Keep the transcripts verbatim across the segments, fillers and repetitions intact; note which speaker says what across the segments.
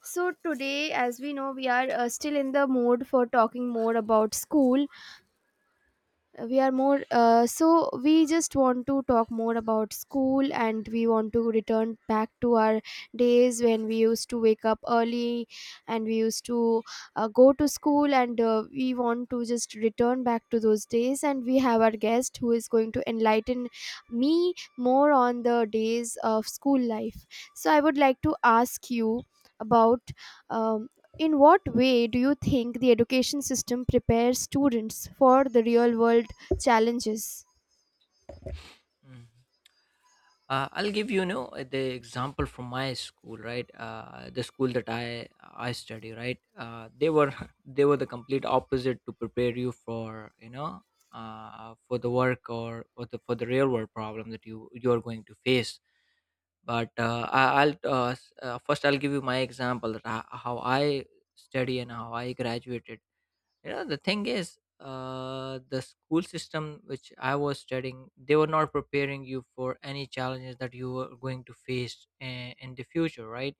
Speaker 1: So, today, as we know, we are uh, still in the mood for talking more about school. Uh, We are more, uh, so we just want to talk more about school, and we want to return back to our days when we used to wake up early, and we used to uh, go to school, and uh, we want to just return back to those days. And we have our guest who is going to enlighten me more on the days of school life. So, I would like to ask you about um, in what way do you think the education system prepares students for the real world challenges?
Speaker 2: Mm. Uh, I'll give you, you know the example from my school, right? Uh, the school that I I study, right? Uh, they were they were the complete opposite to prepare you for you know uh, for the work or or the, for the real world problem that you you are going to face. But uh, I, I'll uh, s- uh, first I'll give you my example that I, how I study and how I graduated. Yeah, the thing is, uh, the school system which I was studying, they were not preparing you for any challenges that you were going to face in, in the future, right?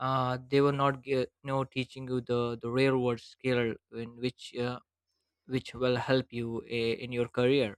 Speaker 2: Uh, they were not gi- no teaching you the the real world skill in which uh, which will help you uh, in your career.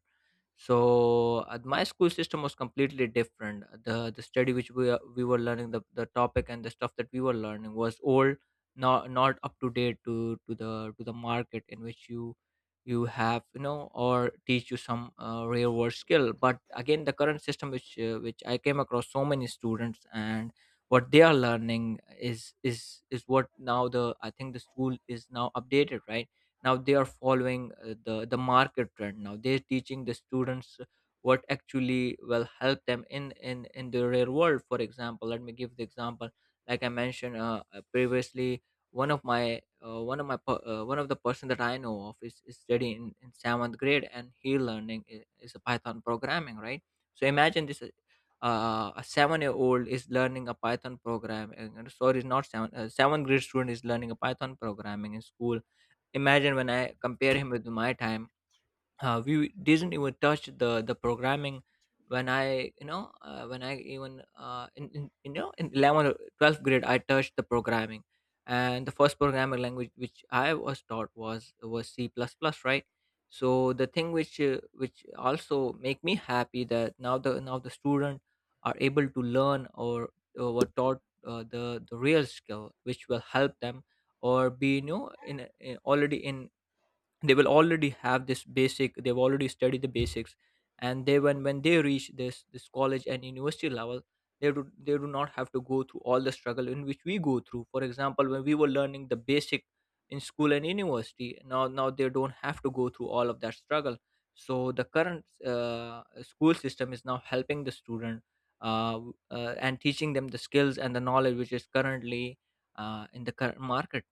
Speaker 2: So at my school system was completely different. The the study which we are, we were learning, the, the topic and the stuff that we were learning was old, not not up to date to to the to the market in which you you have, you know, or teach you some uh, real world skill. But again, the current system which uh, which I came across so many students, and what they are learning is is is what now the, I think the school is now updated, right? Now they are following uh, the the market trend. Now they're teaching the students what actually will help them in in in the real world. For example, let me give the example, like I mentioned uh, uh, previously. One of my uh, one of my per- uh, one of the person that I know of is, is studying in, in seventh grade, and he learning is, is a python programming, right? So imagine this, uh, uh, a seven year old is learning a python program, and and sorry, not seven, uh, seventh grade student is learning a python programming in school. Imagine when I compare him with my time, uh, we didn't even touch the the programming. When I, you know uh, when I even uh, in, in, you know, in eleventh or twelfth grade I touched the programming, and the first programming language which I was taught was was C plus plus, right. So the thing which uh, which also make me happy that now the now the student are able to learn or uh, were taught uh, the the real skill which will help them, or be, you know, in, a- in already in, they will already have this basic, they've already studied the basics. And they, when when they reach this this college and university level, they do they do not have to go through all the struggle in which we go through. For example, when we were learning the basic in school and university, now now they don't have to go through all of that struggle. So the current uh, school system is now helping the student, uh, w- uh, and teaching them the skills and the knowledge which is currently uh, in the current market.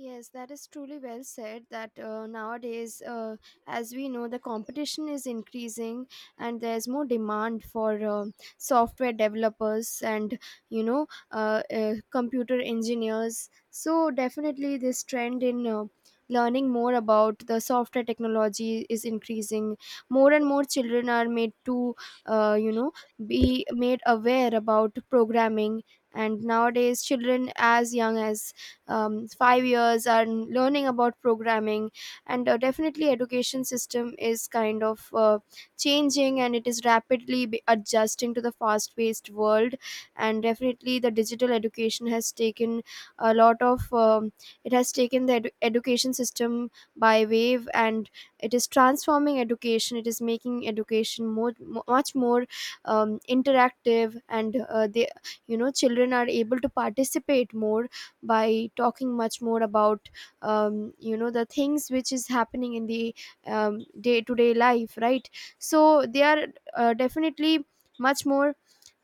Speaker 1: Yes, that is truly well said. That uh, nowadays, uh, as we know, the competition is increasing, and there's more demand for uh, software developers and you know uh, uh, computer engineers. So definitely, this trend in uh, learning more about the software technology is increasing. More and more children are made to uh, you know be made aware about programming. And nowadays, children as young as um, five years and learning about programming, and uh, definitely education system is kind of uh, changing, and it is rapidly be- adjusting to the fast paced world, and definitely the digital education has taken a lot of um, it has taken the edu- education system by wave, and it is transforming education. It is making education more mo- much more um, interactive, and uh, they you know children are able to participate more by talking much more about um, you know the things which is happening in the um, day-to-day life, right? So they are uh, definitely much more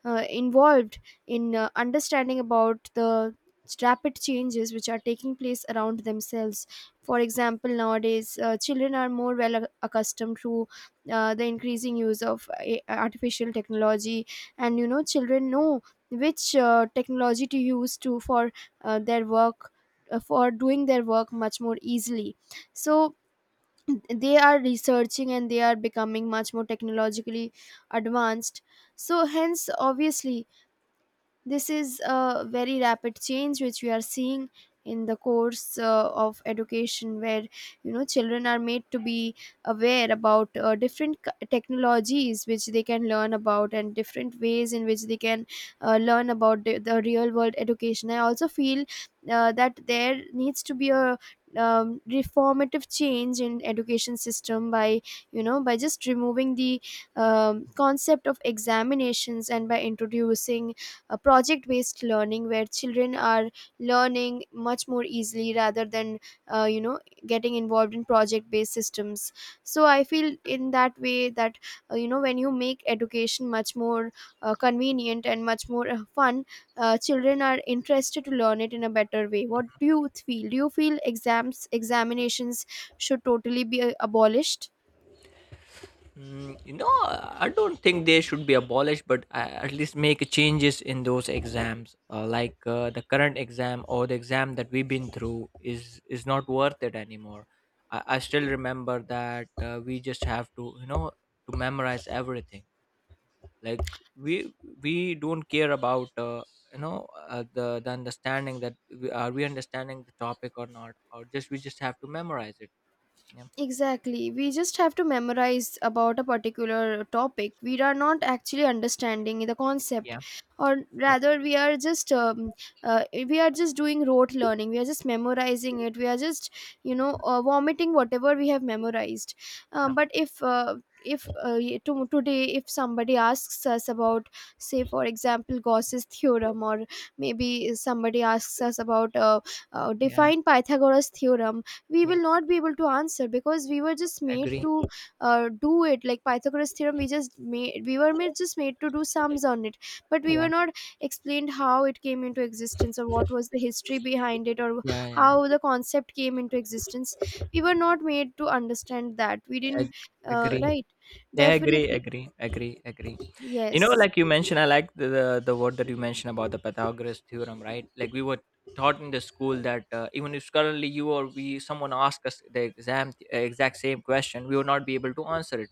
Speaker 1: uh, involved in uh, understanding about the rapid changes which are taking place around themselves. For example, nowadays uh, children are more well ac- accustomed to uh, the increasing use of a- artificial technology, and you know children know which uh, technology to use to for uh, their work, uh, for doing their work much more easily. So they are researching, and they are becoming much more technologically advanced. So hence obviously this is a very rapid change which we are seeing in the course uh, of education, where you know children are made to be aware about uh, different c- technologies which they can learn about, and different ways in which they can uh, learn about the, the real world education. I also feel uh, that there needs to be a um, reformative change in education system by you know by just removing the um, concept of examinations, and by introducing uh, project based learning where children are learning much more easily rather than uh, you know getting involved in project based systems. So I feel in that way that uh, you know when you make education much more uh, convenient and much more uh, fun, uh, children are interested to learn it in a better way. What do you feel? Do you feel exams, examinations should totally be uh, abolished?
Speaker 2: Mm, you know, I don't think they should be abolished, but uh, at least make changes in those exams. Uh, like uh, the current exam, or the exam that we've been through, is is not worth it anymore. I, I still remember that uh, we just have to, you know, to memorize everything. Like, we we don't care about uh, you know uh, the the understanding that we, are we understanding the topic or not, or just we just have to memorize it. Yeah,
Speaker 1: Exactly. We just have to memorize about a particular topic. We are not actually understanding the
Speaker 2: yeah,
Speaker 1: concept,
Speaker 2: yeah.
Speaker 1: or rather, we are just um, uh, we are just doing rote learning. We are just memorizing it. We are just you know uh, vomiting whatever we have memorized. Um,
Speaker 2: Yeah,
Speaker 1: but if uh, if uh, y- to, today if somebody asks us about, say for example, Gauss's theorem, or maybe somebody asks us about uh, uh,
Speaker 2: yeah,
Speaker 1: define Pythagoras theorem, we
Speaker 2: yeah,
Speaker 1: will not be able to answer because we were just made
Speaker 2: agree.
Speaker 1: to uh, do it. Like Pythagoras theorem, we just made we were made just made to do sums on it, but we were
Speaker 2: Yeah,
Speaker 1: not explained how it came into existence, or what was the history behind it, or
Speaker 2: yeah, yeah,
Speaker 1: how the concept came into existence. We were not made to understand that. We didn't,
Speaker 2: ag-
Speaker 1: uh,
Speaker 2: agree.
Speaker 1: right?
Speaker 2: Yeah, agree,
Speaker 1: Definitely,
Speaker 2: agree, agree, agree. You know,
Speaker 1: yes.
Speaker 2: like you mentioned, I like the, the the word that you mentioned about the pythagoras theorem, right? Like, we were taught in the school that uh, even if currently you, or we, someone asked us the exam uh, exact same question, we would not be able to answer it,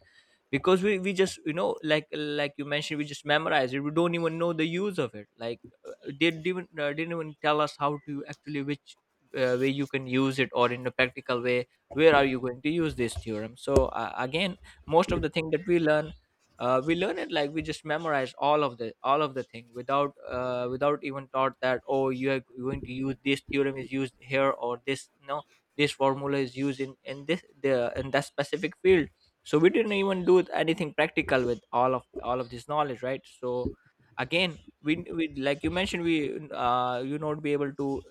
Speaker 2: because we, we just, you know, like like you mentioned, we just memorize it, we don't even know the use of it. Like, uh, they didn't even uh, didn't even tell us how to actually which uh, way you can use it, or in a practical way, where are you going to use this theorem. So uh, again, most of the thing that we learn, uh, we learn it like we just memorize all of the all of the thing without uh, without even thought that, oh, you are going to use this theorem, is used here, or this, no, this formula is used in in this the in that specific field. So we didn't even do anything practical with all of all of this knowledge, right? So again, we, we, like you mentioned, we, uh, you not be able to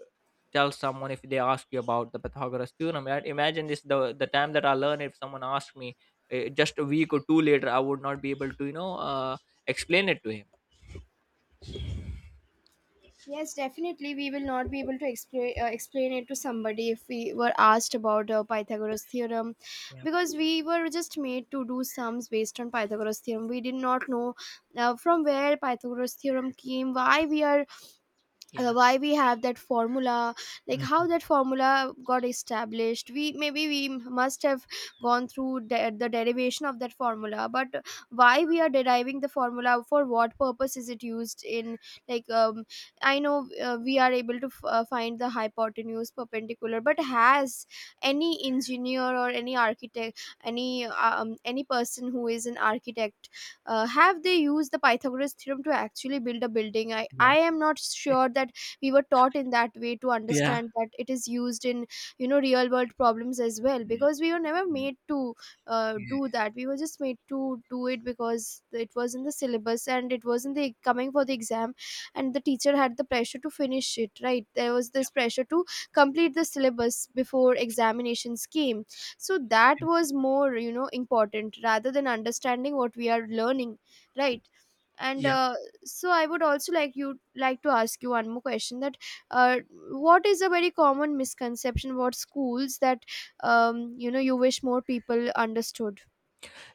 Speaker 2: tell someone if they ask you about the pythagoras theorem, right? Imagine this, the the time that I learn, if someone asks me eh, just a week or two later, I would not be able to, you know, uh, explain it to him.
Speaker 1: Yes, definitely. We will not be able to explain uh, explain it to somebody if we were asked about uh, Pythagoras theorem,
Speaker 2: Yeah,
Speaker 1: because we were just made to do sums based on Pythagoras theorem. We did not know uh, from where Pythagoras theorem came, why we are uh,
Speaker 2: yeah.
Speaker 1: why we have that formula, like how
Speaker 2: Mhm.
Speaker 1: that formula got established. We maybe we must have gone through de- the derivation of that formula, but why we are deriving the formula, for what purpose is it used in, like um, I know uh, we are able to f- uh, find the hypotenuse, perpendicular. But has any engineer or any architect, any uh, um, any person who is an architect, uh, have they used the Pythagoras theorem to actually build a building? I i
Speaker 2: Yeah,
Speaker 1: am not sure that we were taught in that way, to
Speaker 2: yeah,
Speaker 1: understand that it is used in you know real world problems as well,
Speaker 2: yeah.
Speaker 1: because we were never made to uh,
Speaker 2: Yeah,
Speaker 1: do that. We were just made to do it because it was in the syllabus and it was in the coming for the exam, and the teacher had the pressure to finish it, right? There was this pressure to complete the syllabus before examinations came. So that was more you know important rather than understanding what we are learning, right? And
Speaker 2: yeah.
Speaker 1: uh, so I would also like you like to ask you one more question, that uh, what is a very common misconception about schools that um, you know you wish more people understood?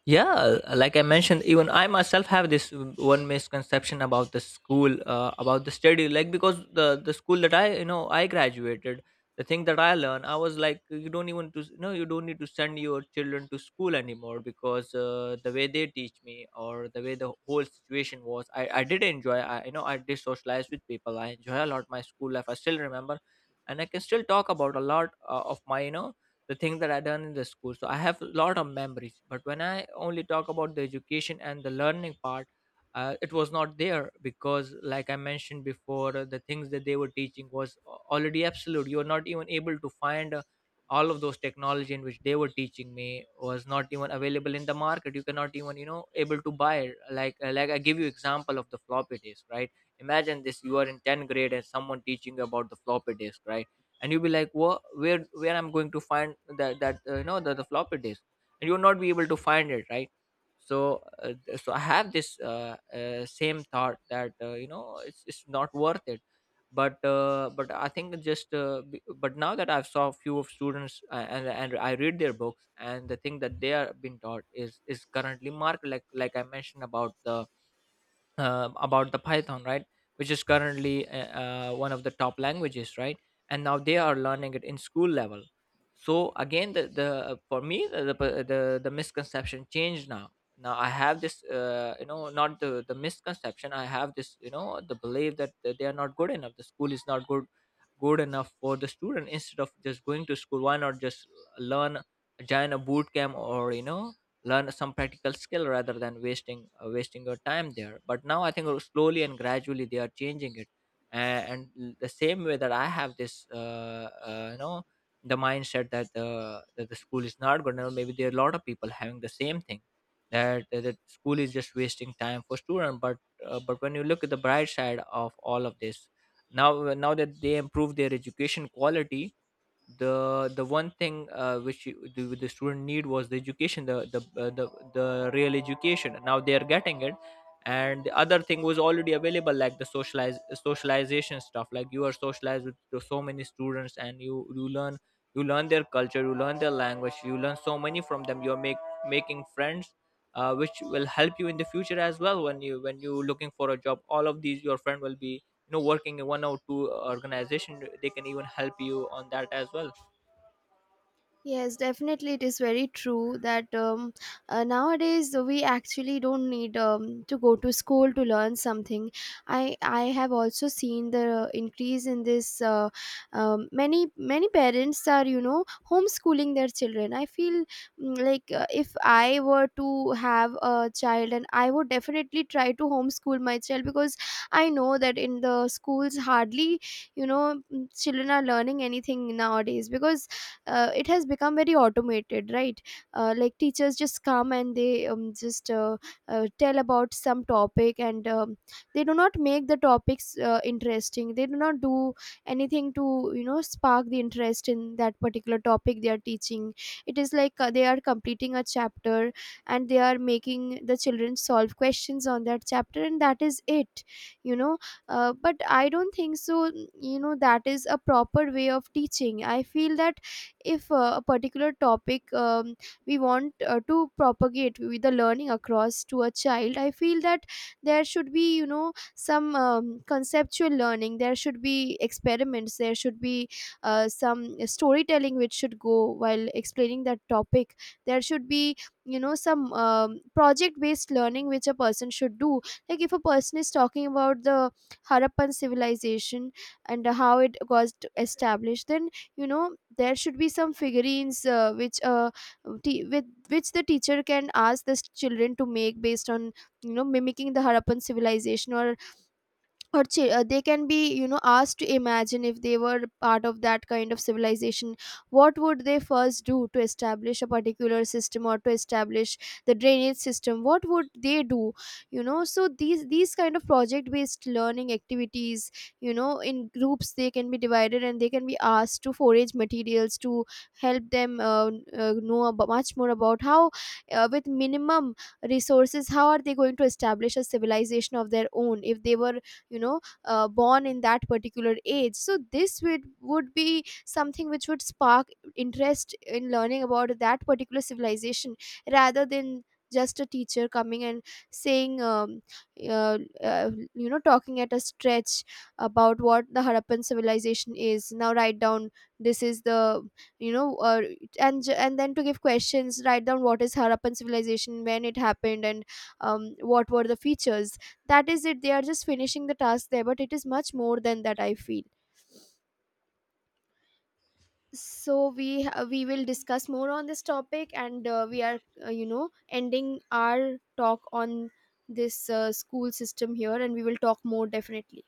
Speaker 2: Yeah, like I mentioned, even I myself have this one misconception about the school, uh, about the study. Like, because the the school that I, you know, I graduated, the thing that I learned, I was like, you don't even to no, you don't need to send your children to school anymore, because uh, the way they teach me, or the way the whole situation was, i I did enjoy, I, you know, I did socialize with people, I enjoy a lot my school life, I still remember, and I can still talk about a lot uh, of my, you know, the things that I done in the school. So I have a lot of memories, but when I only talk about the education and the learning part, uh, it was not there, because like I mentioned before, uh, the things that they were teaching was a- already absolute, you are not even able to find uh, all of those technology in which they were teaching me was not even available in the market, you cannot even, you know, able to buy it. Like, uh, like I give you example of the floppy disk, right? Imagine this, you are in tenth grade and someone teaching you about the floppy disk, right? And you'll be like, what, where where I'm going to find that, that uh, you know, the, the floppy disk, and you'll not be able to find it, right? So uh, th- so I have this uh, uh, same thought that, uh, you know, it's, it's not worth it. But uh, but I think it's just uh, b- but now that I've saw few of students, uh, and and I read their books, and the thing that they are being taught is is currently marked, like like I mentioned about the uh, about the python, right? Which is currently uh, uh, one of the top languages, right? And now they are learning it in school level. So again, the, the uh, for me the, the uh, the the misconception changed. Now, now I have this uh, you know, not the the misconception, I have this, you know, the belief that they are not good enough, the school is not good good enough for the student. Instead of just going to school, why not just learn, join a boot camp, or you know, learn some practical skill rather than wasting uh, wasting your time there. But now I think slowly and gradually they are changing it. and, and l- the same way that I have this uh, uh, you know, the mindset that the that the school is not good, now maybe there are a lot of people having the same thing, that that school is just wasting time for student. But uh, but when you look at the bright side of all of this, now, now that they improve their education quality, the the one thing uh, which you, the, the student need was the education, the the, uh, the the real education, now they are getting it. And the other thing was already available, like the socialize socialization stuff, like you are socialized with to so many students, and you you learn, you learn their culture, you learn their language, you learn so many from them, you're make making friends, uh, which will help you in the future as well, when you, when you looking for a job, all of these your friend will be, you know, working in one or two organization, they can even help you on that as well.
Speaker 1: Yes, definitely, it is very true that um, uh, nowadays we actually don't need um, to go to school to learn something. I I have also seen the increase in this. Uh, um, many many parents are you know homeschooling their children. I feel, mm, like uh, if I were to have a child, and I would definitely try to homeschool my child, because I know that in the schools hardly you know mm, children are learning anything nowadays, because uh, it has become very automated, right? Uh, like teachers just come, and they um, just uh, uh, tell about some topic, and um, they do not make the topics uh, interesting. They do not do anything to you know spark the interest in that particular topic they are teaching. It is like uh, they are completing a chapter, and they are making the children solve questions on that chapter, and that is it, you know. Uh, but I don't think so you know that is a proper way of teaching. I feel that if uh, a particular topic, um, we want uh, to propagate with the learning across to a child, I feel that there should be you know some um, conceptual learning, there should be experiments, there should be uh, some storytelling which should go while explaining that topic. There should be you know some um, project based learning which a person should do. Like if a person is talking about the Harappan civilization and how it was t- established, then you know there should be some figurines uh, which uh, t- with which the teacher can ask the s- children to make, based on you know mimicking the Harappan civilization, or or chi- uh, they can be you know asked to imagine if they were part of that kind of civilization, what would they first do to establish a particular system, or to establish the drainage system, what would they do. You know, so these these kind of project based learning activities, you know, in groups they can be divided, and they can be asked to forage materials to help them uh, uh, know about, much more about how uh, with minimum resources how are they going to establish a civilization of their own, if they were you know uh, born in that particular age. So this would would be something which would spark interest in learning about that particular civilization, rather than just a teacher coming and saying um, uh, uh, you know talking at a stretch about what the Harappan civilization is. Now write down, this is the you know uh, and j- and then to give questions, write down what is Harappan civilization, when it happened, and um, what were the features. That is it, they are just finishing the task there, but it is much more than that I feel. So we ha- we will discuss more on this topic, and uh, we are uh, you know ending our talk on this uh, school system here, and we will talk more definitely.